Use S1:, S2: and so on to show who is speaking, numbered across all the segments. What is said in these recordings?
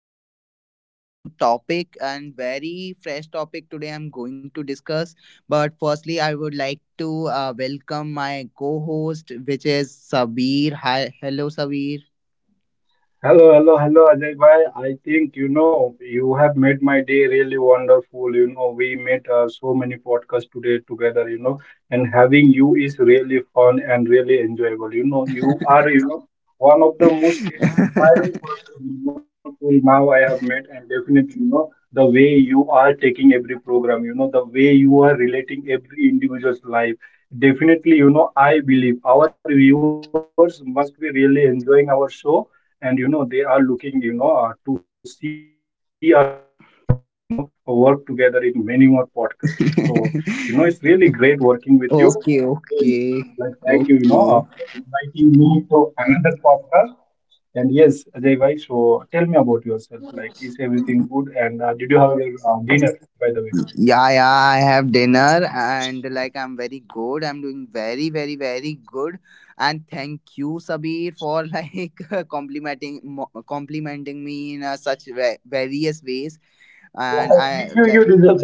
S1: podcast and with a new topic and very fresh topic today. I'm going to discuss, but firstly, I would like to welcome my co-host, which is Sabir. Hi, hello, Sabir.
S2: Hello, hello, hello, Ajay bhai. I think you have made my day really wonderful. You know we made so many podcasts today together. You know, and having you is really fun and really enjoyable. You know, you are one of the most admiring person, you know, till now I have met, and definitely, you know, the way you are taking every program. You know the way you are relating every individual's life. Definitely, you know, I believe our viewers must be really enjoying our show, and you know they are looking, you know, to see us both, you know, work together in many more podcasts, so you know it's really great working with you. Really. Like
S1: Okay,
S2: thank you, you know,
S1: okay,
S2: for
S1: okay.
S2: inviting me to another podcast. And yes, Ajay bhai, so tell me about yourself, like is everything good, and did you have your dinner, by the way?
S1: Yeah, yeah, I have dinner and like I'm very good. I'm doing very, very, very good. And thank you, Sabir, for like complimenting me in such various ways. And I
S2: you
S1: like
S2: deserve.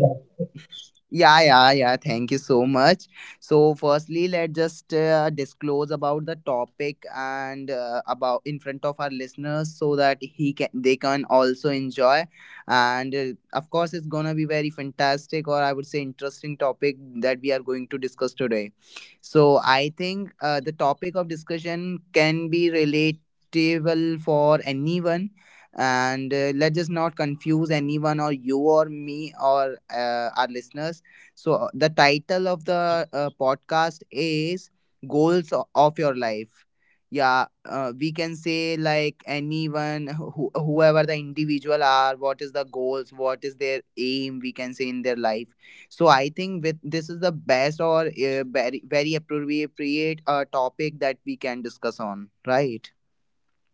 S1: yeah, yeah, yeah. Thank you so much. So, firstly, let's just disclose about the topic and about in front of our listeners so that he can they can also enjoy. And of course, it's gonna be very fantastic or I would say interesting topic that we are going to discuss today. So, I think the topic of discussion can be relatable for anyone and let's just not confuse anyone or you or me or our listeners so, the title of the podcast is Goals of Your Life. Yeah, we can say like anyone, who, whoever the individual are, what is the goals, what is their aim, we can say in their life. So, I think with this is the best or very, very appropriate topic that we can discuss on, right?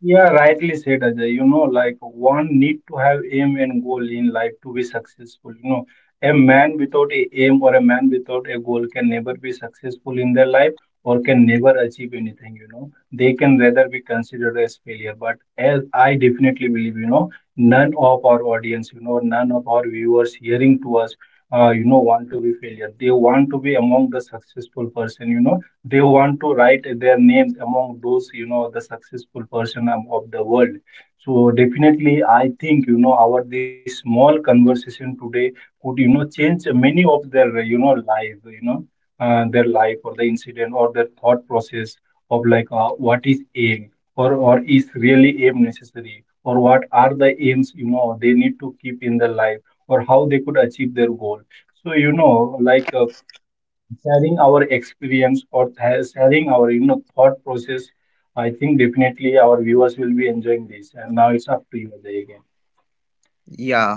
S2: Yeah, rightly said, Ajay. You know, like one need to have aim and goal in life to be successful. You know, a man without a aim or a man without a goal can never be successful in their life or can never achieve anything. You know, they can rather be considered as failure. But as I definitely believe, you know, none of our audience, you know, none of our viewers hearing to us, you know, want to be failure. They want to be among the successful person. You know, they want to write their names among those, you know, the successful person of the world. So definitely I think, you know, our this small conversation today could, you know, change many of their, you know, life, you know, their life or the incident or their thought process of like, what is aim, or is really aim necessary, or what are the aims, you know, they need to keep in their life, or how they could achieve their goal. So you know, like, sharing our experience or sharing our, you know, thought process, I think definitely our viewers will be enjoying this, and now it's up to you, Ajay, again.
S1: Yeah.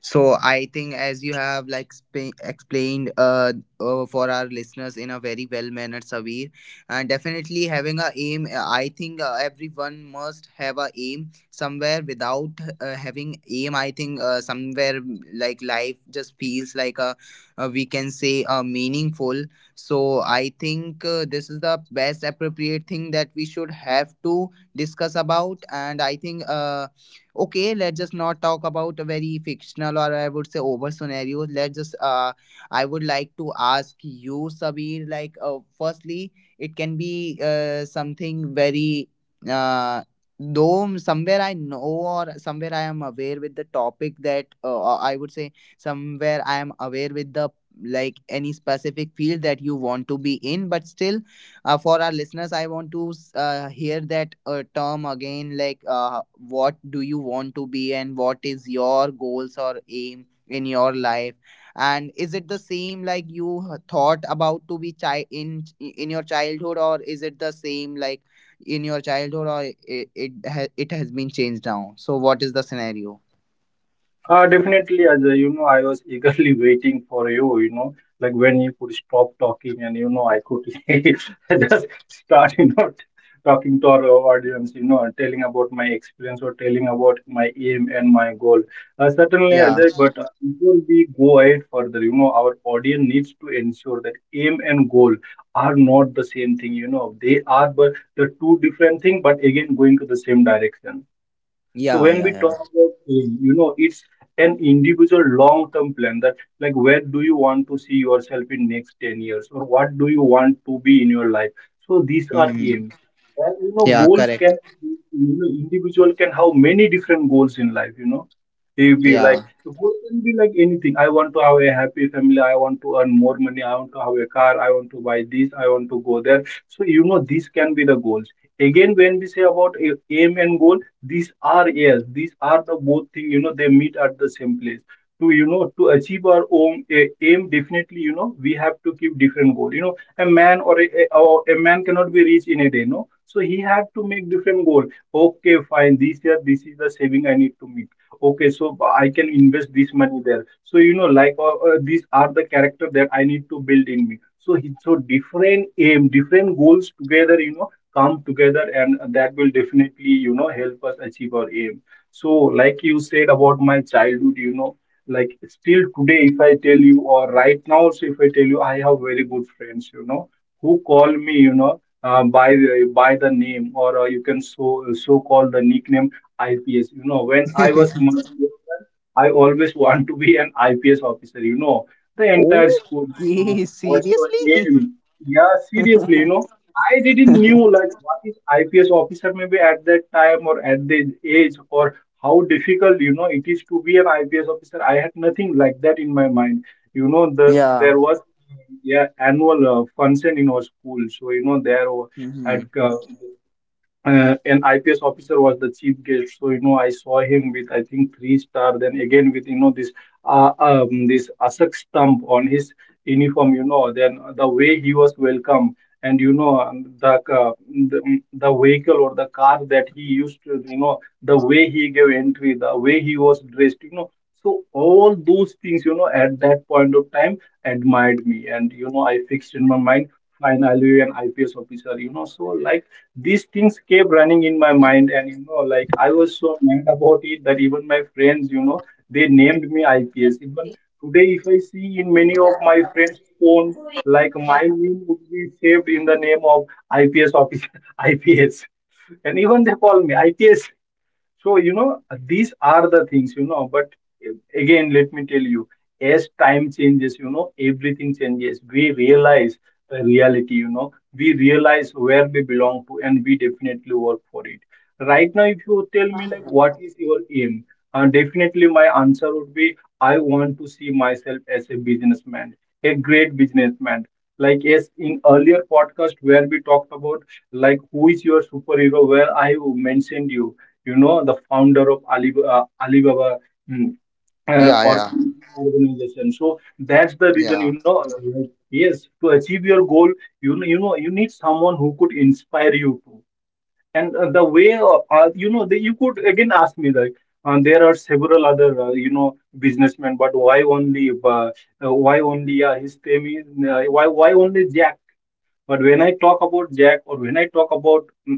S1: So I think as you have like explained for our listeners in a very well mannered Savir, and definitely having a aim I think everyone must have a aim somewhere without having aim. I think somewhere like life just feels like a, we can say meaningful. So I think this is the best appropriate thing that we should have to discuss about, and I think okay, let's just not talk about a very fictional or I would say over scenarios. Let's just I would like to ask you, Sabir. Like, firstly, it can be something very uh, though somewhere I know or somewhere I am aware with the topic that or I would say somewhere I am aware with the like any specific field that you want to be in, but still for our listeners, I want to hear that term again. Like, what do you want to be, and what is your goals or aim in your life? And is it the same like you thought about to be in your childhood, or is it the same like in your childhood, or it has been changed now? So, what is the scenario?
S2: Definitely, Ajay, you know, I was eagerly waiting for you, you know, like when you could stop talking and, you know, I could just start, you know, talking to our audience, you know, and telling about my experience or telling about my aim and my goal. Certainly,
S1: Yeah,
S2: Ajay, but before we go ahead further, you know, our audience needs to ensure that aim and goal are not the same thing, you know, they are but the two different thing, but again, going to the same direction. So
S1: yeah,
S2: when
S1: yeah,
S2: we talk
S1: yeah.
S2: about, you know, it's an individual long-term plan, that like where do you want to see yourself in next 10 years, or what do you want to be in your life? So these are
S1: Hmm.
S2: aims. And you know,
S1: Yeah,
S2: goals
S1: correct.
S2: can, you know, individual can have many different goals in life, you know. It be like
S1: Yeah.
S2: goal can be like anything. I want to have a happy family, I want to earn more money, I want to have a car, I want to buy this, I want to go there. So you know, these can be the goals. Again, when we say about aim and goal, these are, yes, these are the both thing, you know they meet at the same place to, you know, to achieve our own aim. Definitely, you know, we have to keep different goal. You know, a man or a man cannot be rich in a day, no, so he have to make different goal. Okay, fine, this year this is the saving I need to make. Okay, so I can invest this money there. So you know, like, these are the character that I need to build in me, so he so different aim, different goals together, you know, come together, and that will definitely, you know, help us achieve our aim. So like you said about my childhood, you know, like still today if I tell you, or right now also if I tell you, I have very good friends, you know, who call me, you know, by the name, or you can so so call the nickname IPS. You know, when I was much younger, I always want to be an IPS officer. You know, the entire school, like,
S1: Okay,
S2: what's your
S1: seriously?
S2: aim? Yeah, seriously, you know, I didn't knew like what is IPS officer maybe at that time, or at the age, or how difficult, you know, it is to be an IPS officer. I had nothing like that in my mind. You know the
S1: Yeah.
S2: there was, yeah, annual function in our school, so you know had
S1: Hmm.
S2: uh, an IPS officer was the chief guest. So you know, I saw him with I think three star. Then again with, you know, this this Asak stamp on his uniform. You know, then the way he was welcome, and you know, the vehicle or the car that he used to, you know, the way he gave entry, the way he was dressed. You know. So all those things, you know, at that point of time, admired me, and you know, I fixed in my mind, fine, I'll be an IPS officer. You know, so like, these things kept running in my mind, and you know, like I was so mad about it that even my friends, you know, they named me IPS. Even today if I see in many of my friends phone, like my name would be saved in the name of IPS officer, IPS. And even they call me IPS. So, you know, these are the things, you know, but again, let me tell you, as time changes, you know, everything changes. We realize the reality, you know, we realize where we belong to, and we definitely work for it. Right now, if you tell me, like, what is your aim? Definitely, my answer would be I want to see myself as a businessman, a great businessman. Like, yes, in earlier podcast where we talked about, like, who is your superhero, where I mentioned you, you know, the founder of Ali, Alibaba, mm,
S1: Yeah,
S2: or
S1: yeah,
S2: some organization. So that's the reason,
S1: yeah,
S2: you know, like, yes, to achieve your goal, you know, you need someone who could inspire you to. And the way, you know, the, you could again ask me like, there are several other, you know, businessmen, but why only, why only, his name is, why only Jack? But when I talk about Jack, or when I talk about,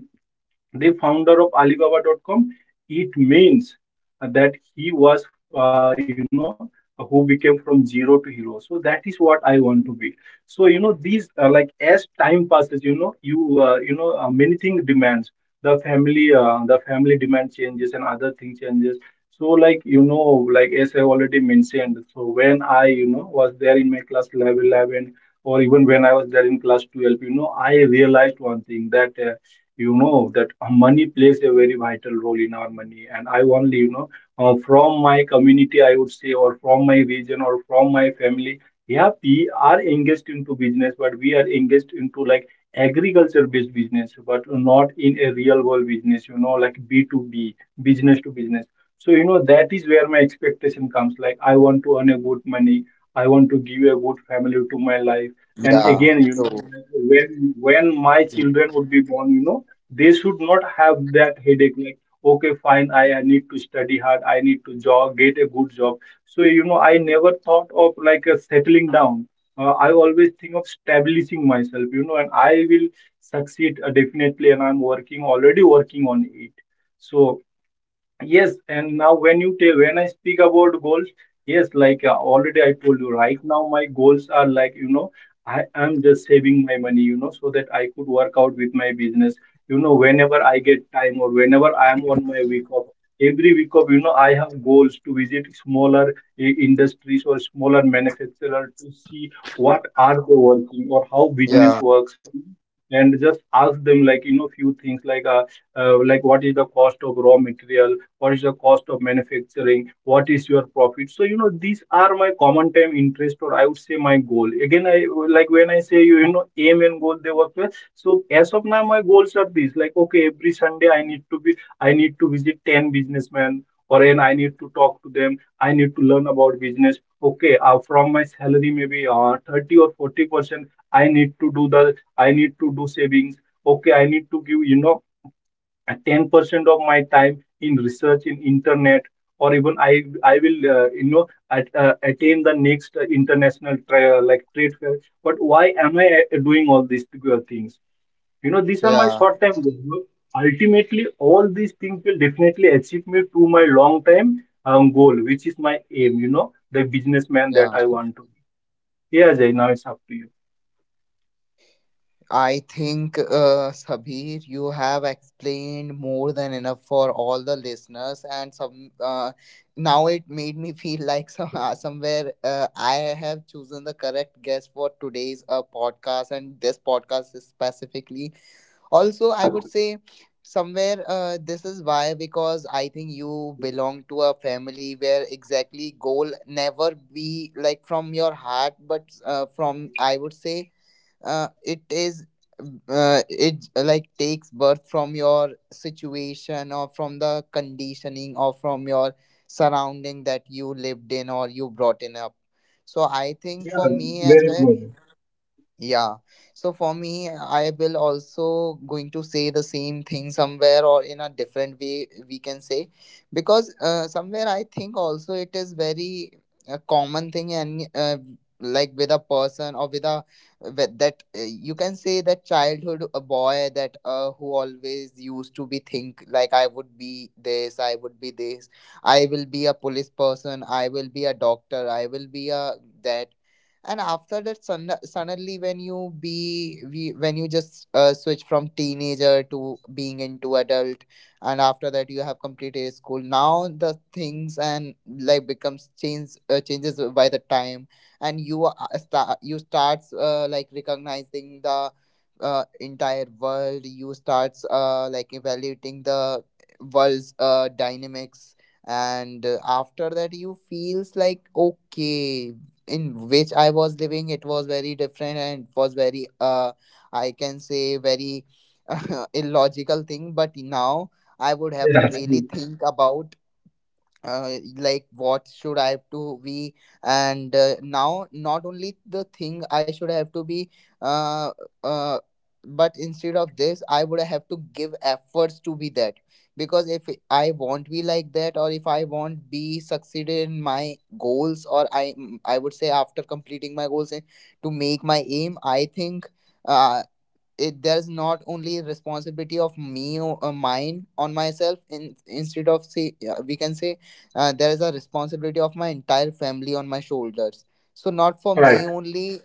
S2: the founder of alibaba.com, it means that he was, you know, who became from zero to hero. So that is what I want to be. So you know these, like as time passes, you know, many things demands. The family the family demand changes, and other thing changes. So like, you know, like as I already mentioned, so when I, you know, was there in my class 11 11, or even when I was there in class 12, you know, I realized one thing that, you know that, money plays a very vital role in our money. And I only, you know, from my community I would say, or from my region, or from my family, yeah, we are engaged into business, but we are engaged into like agriculture based business, but not in a real world business, you know, like B2B, business to business. So you know, that is where my expectation comes, like I want to earn a good money, I want to give a good family to my life. And
S1: yeah.
S2: again, you know,
S1: So,
S2: when my children would be born, you know, they should not have that headache like, okay, fine, I need to study hard, I need to job get a good job. So you know, I never thought of like a settling down. I always think of establishing myself, you know, and I will succeed, definitely, and I'm working already working on it. So, yes, and now when you take when I speak about goals, yes, like, already I told you, right now my goals are, like, you know, I am just saving my money, you know, so that I could work out with my business. You know, whenever I get time, or whenever I am on my week off, every week off, you know, I have goals to visit smaller industries or smaller manufacturer to see what are they working or how business
S1: yeah,
S2: works. And just ask them, like, few things like what is the cost of raw material, what is the cost of manufacturing, what is your profit? So you know, these are my common time interest, or I would say my goal again I Like when I say, you know, aim and goal, they work well. So as of now, my goals are these, like, okay, every sunday I need to be I need to visit 10 businessmen or, and I need to talk to them, I need to learn about business. Okay, from my salary maybe 30 or 40% I need to do the I need to do savings. Okay, I need to give, you know, 10% of my time in research in internet. Or even i I will, attain the next like trade fair. But why am I doing all these things? You know, these are my
S1: yeah,
S2: short time goals, you know. Ultimately, all these things will definitely achieve me to my long time goal, which is my aim, you know, the businessman that
S1: yeah.
S2: I want to be. Yeah, Jay, now it's up to you.
S1: I think, Sabir, you have explained more than enough for all the listeners, and some. Now it made me feel like some, somewhere I have chosen the correct guest for today's podcast, and this podcast is specifically also I would say somewhere this is why because I think you belong to a family where exactly goal never be like from your heart but from I would say it is it like takes birth from your situation or from the conditioning or from your surrounding that you lived in or you brought in up. So I think
S2: Yeah,
S1: for me as
S2: very
S1: well
S2: true.
S1: yeah. So for me, I will also going to say the same thing somewhere or in a different way we can say, because somewhere I think also it is very a common thing and like with a person or with a with that you can say that childhood a boy that who always used to be think like I would be this, I would be this, I will be a police person, I will be a doctor, I will be a that. And after that suddenly when when you just switch from teenager to being into adult, and after that you have completed school now the things and life becomes changes by the time. And you starts like recognizing the entire world. You starts like evaluating the world's dynamics. And after that you feels like okay, in which I was living, it was very different and it was very, I can say, very illogical thing. But now I would have
S2: Yeah,
S1: to
S2: that's
S1: really
S2: true.
S1: think about like what should I have to be. And now not only the thing I should have to be uh, uh, but instead of this I would have to give efforts to be that, because if I won't be like that or if I won't be succeeded in my goals, or I would say after completing my goals and to make my aim, I think uh, it there's not only responsibility of me or mine on myself instead of say we can say there is a responsibility of my entire family on my shoulders. So not for me
S2: Right.
S1: only,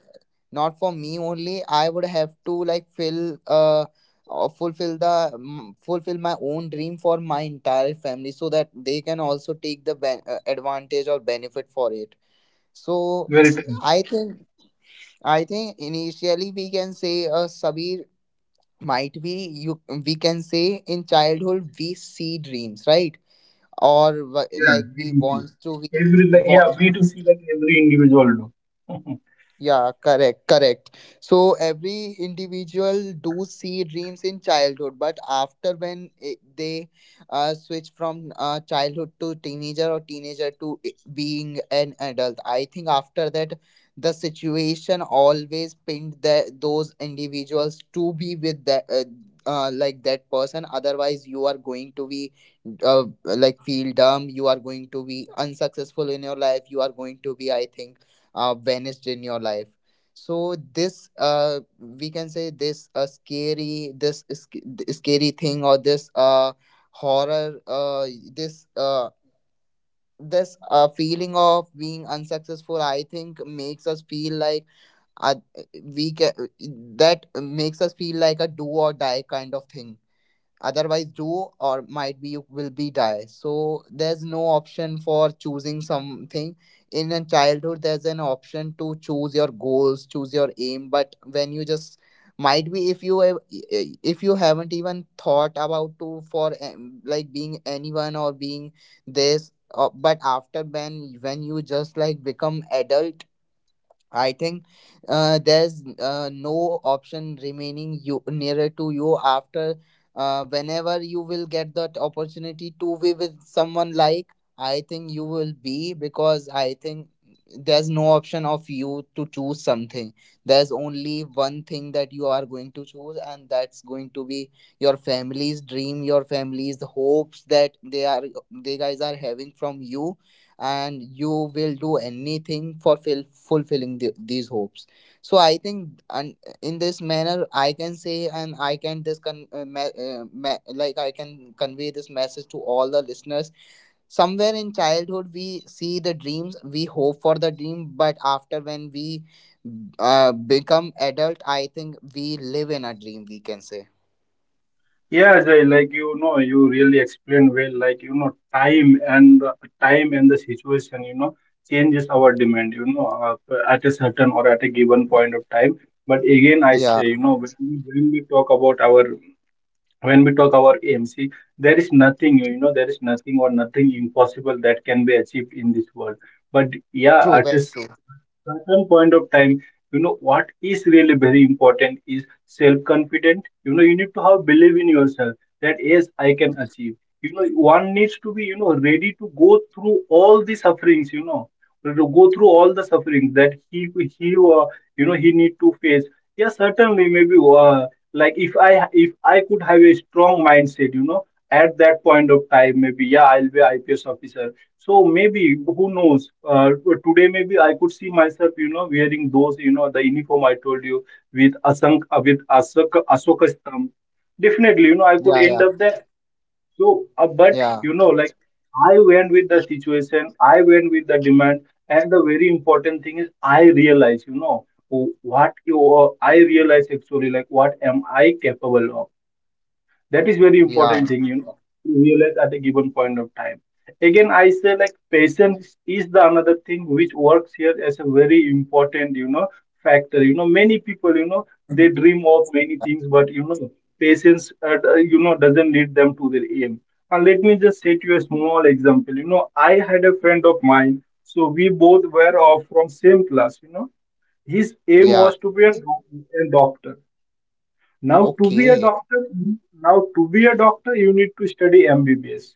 S1: not for me only. I would have to like fill or fulfill the fulfill my own dream for my entire family so that they can also take the advantage or benefit for it. So
S2: Very true.
S1: I think I think initially we can say Sabir, might we you we can say in childhood we see dreams, right? Or
S2: Yeah,
S1: like
S2: V
S1: we
S2: to c.
S1: want to we,
S2: Every, like, yeah, V to c like every individual do.
S1: yeah, correct, correct. So every individual do see dreams in childhood, but after when they switch from childhood to teenager or teenager to being an adult, I think after that the situation always pinned that those individuals to be with that like that person. Otherwise, you are going to be like feel dumb. You are going to be unsuccessful in your life. You are going to be, I think vanished in your life. So this we can say this scary scary thing, or this horror uh, this uh this feeling of being unsuccessful, I think, makes us feel like uh, we can that makes us feel like a do or die kind of thing. Otherwise do, or might be you will be die, so there's no option for choosing something. In a childhood there's an option to choose your goals, choose your aim, but when you just might be if if you haven't even thought about to for like being anyone or being this but after when you just like become adult, I think there's no option remaining you nearer to you after whenever you will get that opportunity to be with someone like I think you will be, because I think there's no option of you to choose something. There's only one thing that you are going to choose, and that's going to be your family's dream, your family's hopes that they guys are having from you. And you will do anything for fulfilling these hopes. So I think and in this manner I can say, and I can this con, me- me- like I can convey this message to all the listeners: somewhere in childhood we see the dreams, we hope for the dream, but after when we become adult, I think we live in a dream, we can say.
S2: Yeah, Jai, like you know, you really explained well, like you know, time and the situation, you know, changes our demand, you know, at a certain or at a given point of time. But again, I
S1: Yeah,
S2: say, you know, when we talk our AMC, there is nothing, you know, there is nothing or nothing impossible that can be achieved in this world. But yeah,
S1: true,
S2: at a
S1: very true.
S2: certain point of time, you know, what is really very important is self-confident. You know, you need to have belief in yourself, that yes, I can achieve. You know, one needs to be, you know, ready to go through all the sufferings, you know, to go through all the sufferings that he you know, he need to face. Yes, certainly maybe, like if I could have a strong mindset, you know, at that point of time, maybe, yeah, I'll be ips officer. So maybe who knows? Today maybe I could see myself, you know, wearing those, you know, the uniform I told you with Asank with Asoka stamp. Definitely, you know, I could
S1: Yeah,
S2: end
S1: yeah,
S2: up there. So, but
S1: yeah,
S2: you know, like I went with the situation, I went with the demand, and the very important thing is I realize, you know, wh- what you I realize actually, like what am I capable of? That is very
S1: yeah.
S2: important thing, you know, to realize at a given point of time. Again, I say like patience is the another thing which works here as a very important, you know, factor. You know, many people, you know, they
S1: Mm-hmm.
S2: dream of many things, but you know, patience, you know, doesn't lead them to their aim. And let me just say to you a small example. You know, I had a friend of mine, so we both were of from same class. You know, his aim
S1: Yeah.
S2: was to be a, a doctor. Now, to be a
S1: Okay,
S2: doctor, now to be a doctor, you need to study MBBS.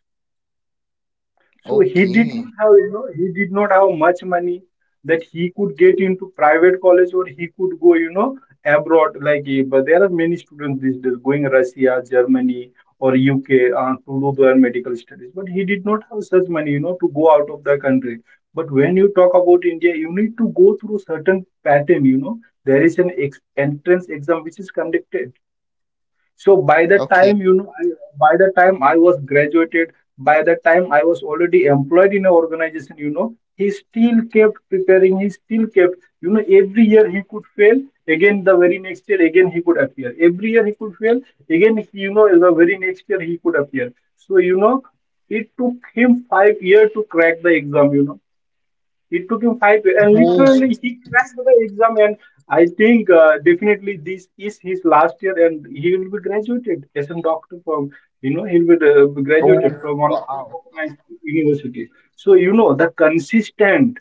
S2: So he did
S1: okay.
S2: not have, you know, he did not have much money that he could get into private college or he could go, you know, abroad. Like, eh, but there are many students these days going Russia, Germany, or UK to do their medical studies. But he did not have such money, you know, to go out of the country. But when you talk about India, you need to go through certain pattern. You know, there is an ex entrance exam which is conducted. So by the
S1: Okay.
S2: time you know, by the time I was graduated, by the time I was already employed in an organization, you know, he still kept preparing. He still kept, you know, every year he could fail. Again, the very next year, again he could appear. Every year he could fail. Again, you know, the very next year he could appear. So you know, it took him 5 years to crack the exam. You know, it took him five, and
S1: Oh,
S2: literally he crashed the exam. And I think definitely this is his last year, and he will be graduated as a doctor from, you know, he'll be graduated
S1: oh,
S2: from one of the
S1: wow.
S2: recognized universities. So you know, the consistent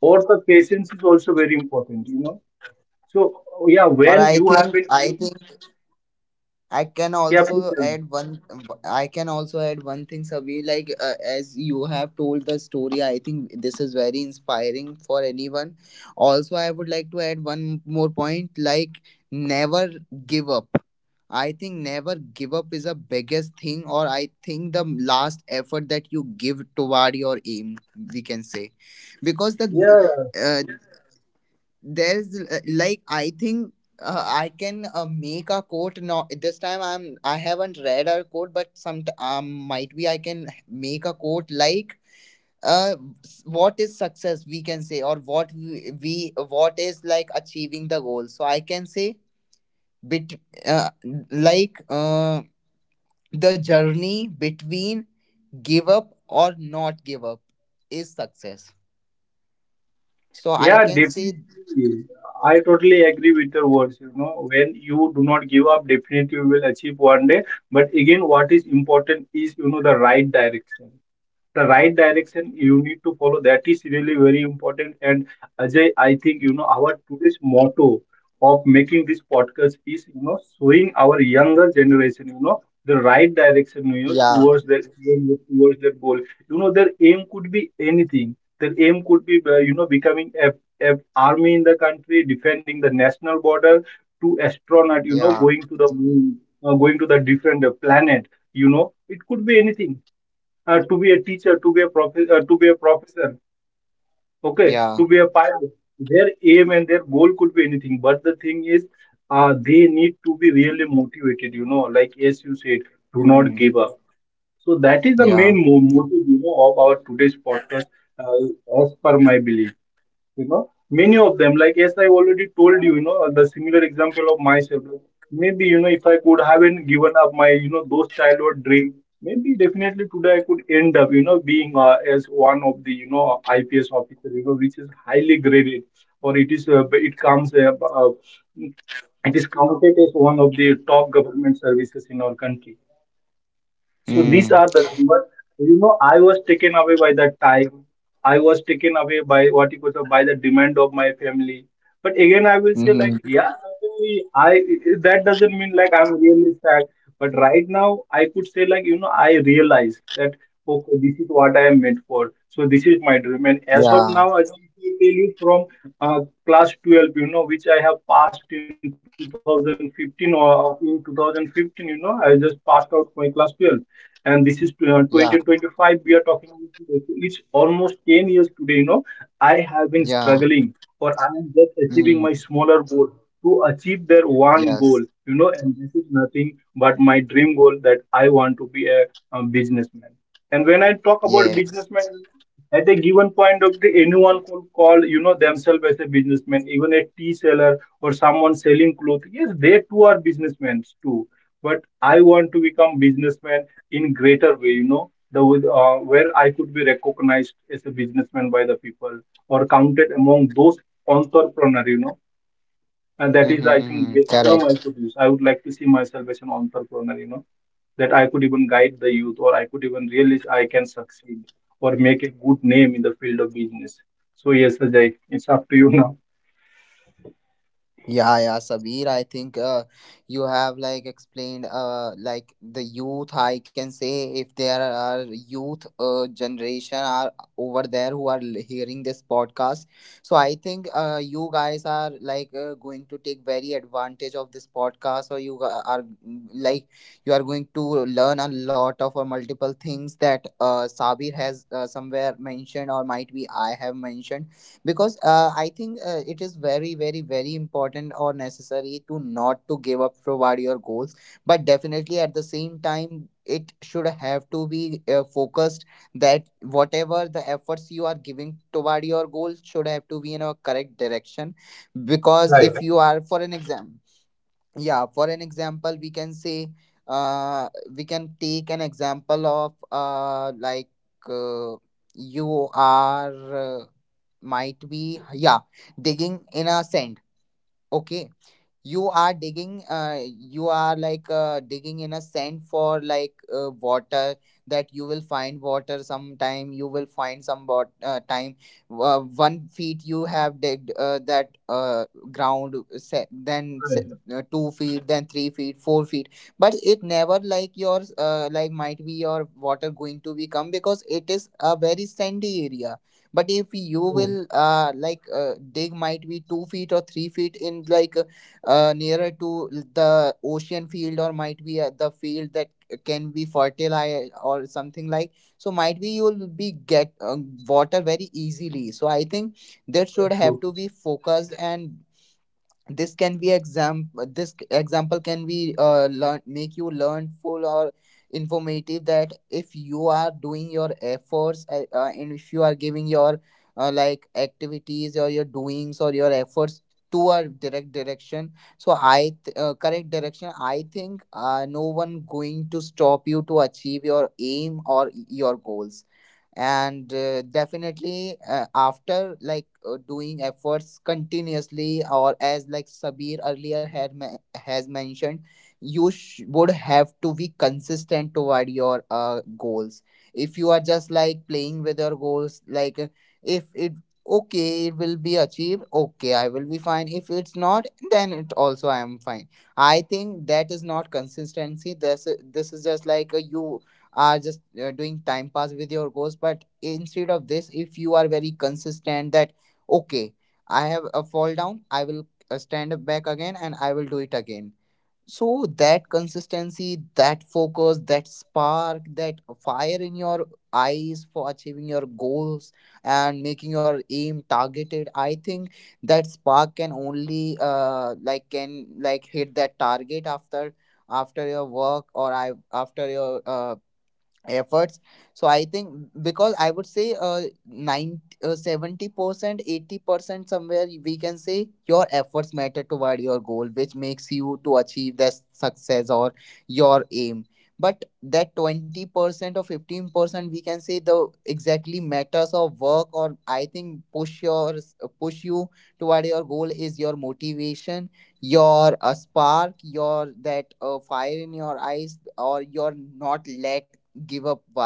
S2: or the patience is also very important. You know, so yeah,
S1: Or
S2: when
S1: I
S2: you have
S1: think
S2: been,
S1: I can
S2: yeah, please
S1: also
S2: tell me.
S1: add one. I can also add one thing, Sabi. Like as you have told the story, I think this is very inspiring for anyone. Also, I would like to add one more point. Like never give up. I think never give up is the biggest thing, or I think the last effort that you give toward your aim, we can say, because the
S2: Yeah.
S1: uh, there is like I think I can make a quote. No, this time I haven't read a quote, but some might be I can make a quote like uh what is success, we can say, or what we what is like achieving the goal. So I can say bit uh, like the journey between give up or not give up is success, so I
S2: Yeah,
S1: can say.
S2: definitely. I totally agree with your words. You know, when you do not give up, definitely you will achieve one day. But again, what is important is, you know, the right direction, the right direction you need to follow, that is really very important. And Ajay, I think you know our today's motto of making this podcast is, you know, showing our younger generation, you know, the right direction, you know,
S1: Yeah,
S2: towards their aim, towards their goal. You know, their aim could be anything. Their aim could be, you know, becoming a army in the country defending the national border, to astronaut, you know,
S1: yeah,
S2: going to the moon, going to the different planet, you know, it could be anything. To be a teacher, to be a professor, okay,
S1: yeah.
S2: to be a pilot. Their aim and their goal could be anything, but the thing is, they need to be really motivated. You know, like as you said, do not
S1: Hmm.
S2: give up. So that is the
S1: Yeah.
S2: main motive, you know, of our today's podcast, as per my belief. You know, many of them, like as I already told you, you know, the similar example of myself, maybe, you know, if I could haven't given up my, you know, those childhood dream, maybe definitely today I could end up, you know, being as one of the, you know, ips officer, you know, which is highly graded, or it is, uh, it is counted as one of the top government services in our country. So these
S1: Mm,
S2: are the numbers. You know, I was taken away by the time. I was taken away by what you could say, by the demand of my family. But again, I will say like,
S1: mm-hmm.
S2: yeah, certainly, I, that doesn't mean like I'm really sad. But right now, I could say like, you know, I realize that okay, this is what I am meant for. So this is my dream. And as of
S1: Yeah,
S2: now, I can tell you from uh, class 12, you know, which I have passed in 2015 or in 2015, you know, I just passed out my class 12, and this is
S1: yeah,
S2: 2025 we are talking about. It's almost 10 years today, you know, I have been struggling,
S1: yeah.
S2: or I am just achieving my
S1: Mm,
S2: smaller goal to achieve their one goal,
S1: yes,
S2: you know. And this is nothing but my dream goal, that I want to be a businessman. And when I talk about
S1: yes.
S2: businessman, at a given point of the, anyone could call, you know, themselves as a businessman, even a tea seller or someone selling clothes, yes, they too are businessmen too But I want to become businessman in greater way, you know, the with, where I could be recognized as a businessman by the people, or counted among those entrepreneur, you know, and that is I
S1: Mm-hmm.
S2: think the term I
S1: Correct.
S2: could use. I would like to see myself as an entrepreneur, you know, that I could even guide the youth, or I could even realize I can succeed or make a good name in the field of business. So yes, Ajay, it's up to you now.
S1: Yeah, yeah, Sabir. I think you have like explained like the youth. I can say if there are youth generation are over there who are hearing this podcast, so I think you guys are like going to take very advantage of this podcast, or you g- are mm, like you are going to learn a lot of or multiple things that Sabir has somewhere mentioned, or might be I have mentioned because I think it is very very very important or necessary to not to give up toward your goals, but definitely at the same time it should have to be focused, that whatever the efforts you are giving toward your goal should have to be in a correct direction. Because
S2: Right.
S1: if you are for an exam Yeah, for an example, we can say, we can take an example of like uh, you are might be yeah digging in a sand. Okay, you are like digging in a sand for water, that you will find water sometime, you will find some bot time. 1 feet you have digged that ground, se then se
S2: Right.
S1: 2 feet, then 3 feet, 4 feet. But it never like yours, might be your water going to become because it is a very sandy area. But if you
S2: True.
S1: will dig might be 2 feet or 3 feet in, like, nearer to the ocean field, or might be the field that can be fertile or something like, so might be you'll be get water very easily. So I think that should have
S2: True.
S1: to be focused. And this can be exam this example can be learn, make you learn full or informative, that if you are doing your efforts and if you are giving your activities or your doings or your efforts to a direct direction, so correct direction. I think no one going to stop you to achieve your aim or your goals. And definitely after doing efforts continuously, or as like Sabir earlier has mentioned, you would have to be consistent toward your goals. If you are just like playing with your goals, like, if it okay, it will be achieved, okay I will be fine, if it's not then it also I am fine. I think that is not consistency. This is just like, you are just doing time pass with your goals. But instead of this, if you are very consistent that okay, I have a fall down, I will stand up back again and I will do it again. So that consistency, that focus, that spark, that fire in your eyes for achieving your goals and making your aim targeted, I think that spark can only can like hit that target after your work, or I after your efforts. So I think, because I would say 90 70% 80% somewhere we can say your efforts matter toward your goal, which makes you to achieve that success or your aim. But that 20% or 15% we can say the exactly matters of work, or I think push you toward your goal is your motivation, your spark, your that fire in your eyes, or your not let give up wa-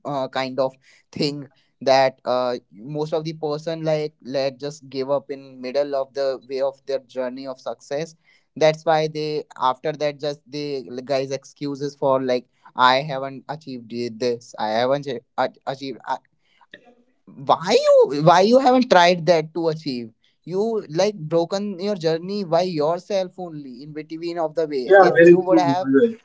S1: uh, kind of thing, that most of the person like let just give up in middle of the way of their journey of success. That's why they, after that, just they guys excuses for like, I haven't achieved this, I haven't achieved. I, why you haven't tried that to achieve? You like broken your journey by yourself only in between of the way
S2: Yeah,
S1: if
S2: very
S1: you would
S2: true,
S1: have.
S2: Ajay.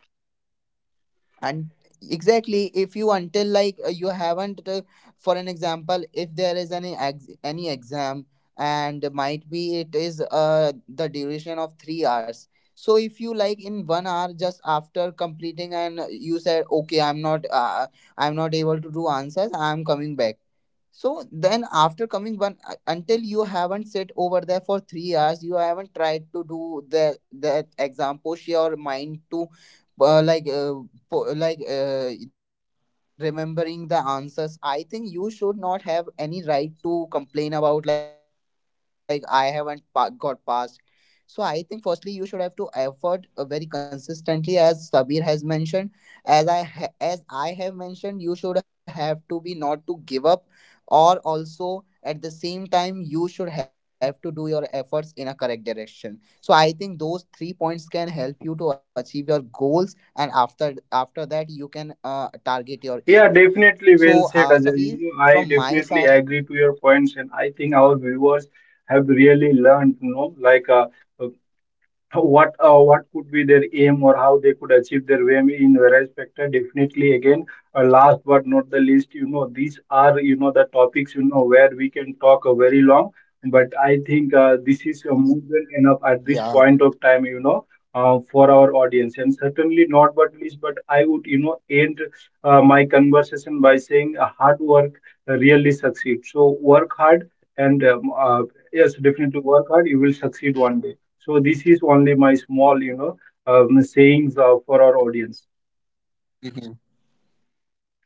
S1: And exactly, if you, until like, you haven't, for an example, if there is any exam, and might be it is the duration of 3 hours, so if you like in 1 hour just after completing and you said okay, I'm not, able to do answers, I'm coming back. So then, after coming one, until you haven't sit over there for 3 hours, you haven't tried to do the that exam, push your mind to, uh, like uh, remembering the answers. I think you should not have any right to complain about like, I haven't got passed. So I think firstly you should have to effort very consistently, as Sabir has mentioned, as I have mentioned, you should have to be not to give up, or also at the same time you should have to do your efforts in a correct direction. So I think those three points can help you to achieve your goals, and after that you can target your aim. So,
S2: Yeah,
S1: Sabir, from
S2: definitely
S1: my
S2: well said,
S1: side.
S2: Ajay. You know, I definitely agree to your points, and I think our viewers have really learned, you know, like what could be their aim or how they could achieve their aim in various factor. Definitely, again, last but not the least, you know, these are, you know, the topics, you know, where we can talk very long, but I think this is
S1: Yeah.
S2: more than enough at this point of time, you know, for our audience, and certainly not but least, but I would, you know, end my conversation by saying hard work really succeeds, so work hard, and yes, definitely work hard, you will succeed one day. So this is only my small, you know, sayings for our audience.
S1: Mhm. Yeah.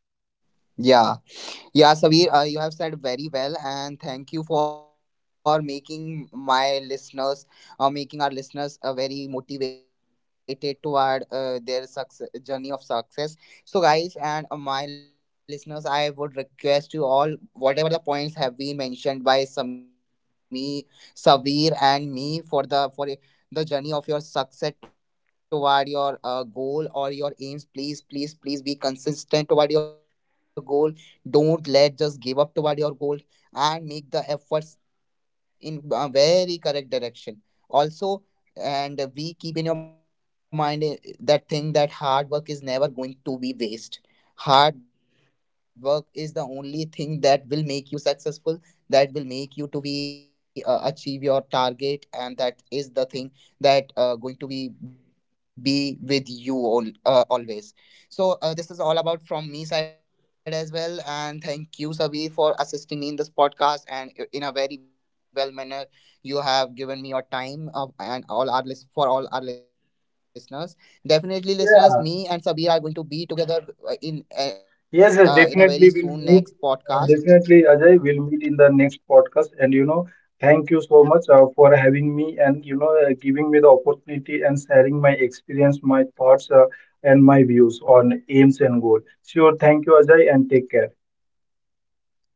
S1: Yeah, Sabir, you have said very well, and thank you for making our listeners very motivated toward their success, journey of success. So, guys, and my listeners, I would request you all, whatever the points have been mentioned by Sami, Sabir, and me for the journey of your success toward your goal or your aims. Please, please, please be consistent toward your goal, don't let just give up toward your goal, and make the efforts in a very correct direction. Also, and we keep in your mind that thing that hard work is never going to be waste. Hard work is the only thing that will make you successful, that will make you to be achieve your target, and that is the thing that going to be with you all, always. So, this is all about from me side as well, and thank you, Sabir, for assisting me in this podcast and in a very well manner. You have given me your time of, and all our list, for all our listeners. Definitely, listeners, me and Sabir are
S2: Yeah.
S1: going to be together uh, in in a very
S2: Yes, yes,
S1: soon next
S2: definitely we'll meet.
S1: podcast.
S2: Definitely, Ajay, we'll meet in the next podcast. And you know, thank you so much for having me, and you know, giving me the opportunity and sharing my experience, my thoughts, and my views on aims and goal. Sure, thank you, Ajay, and take care.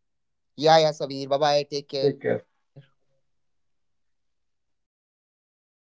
S1: Yeah, yeah, Sabir. Bye bye. Take care.
S2: Take care.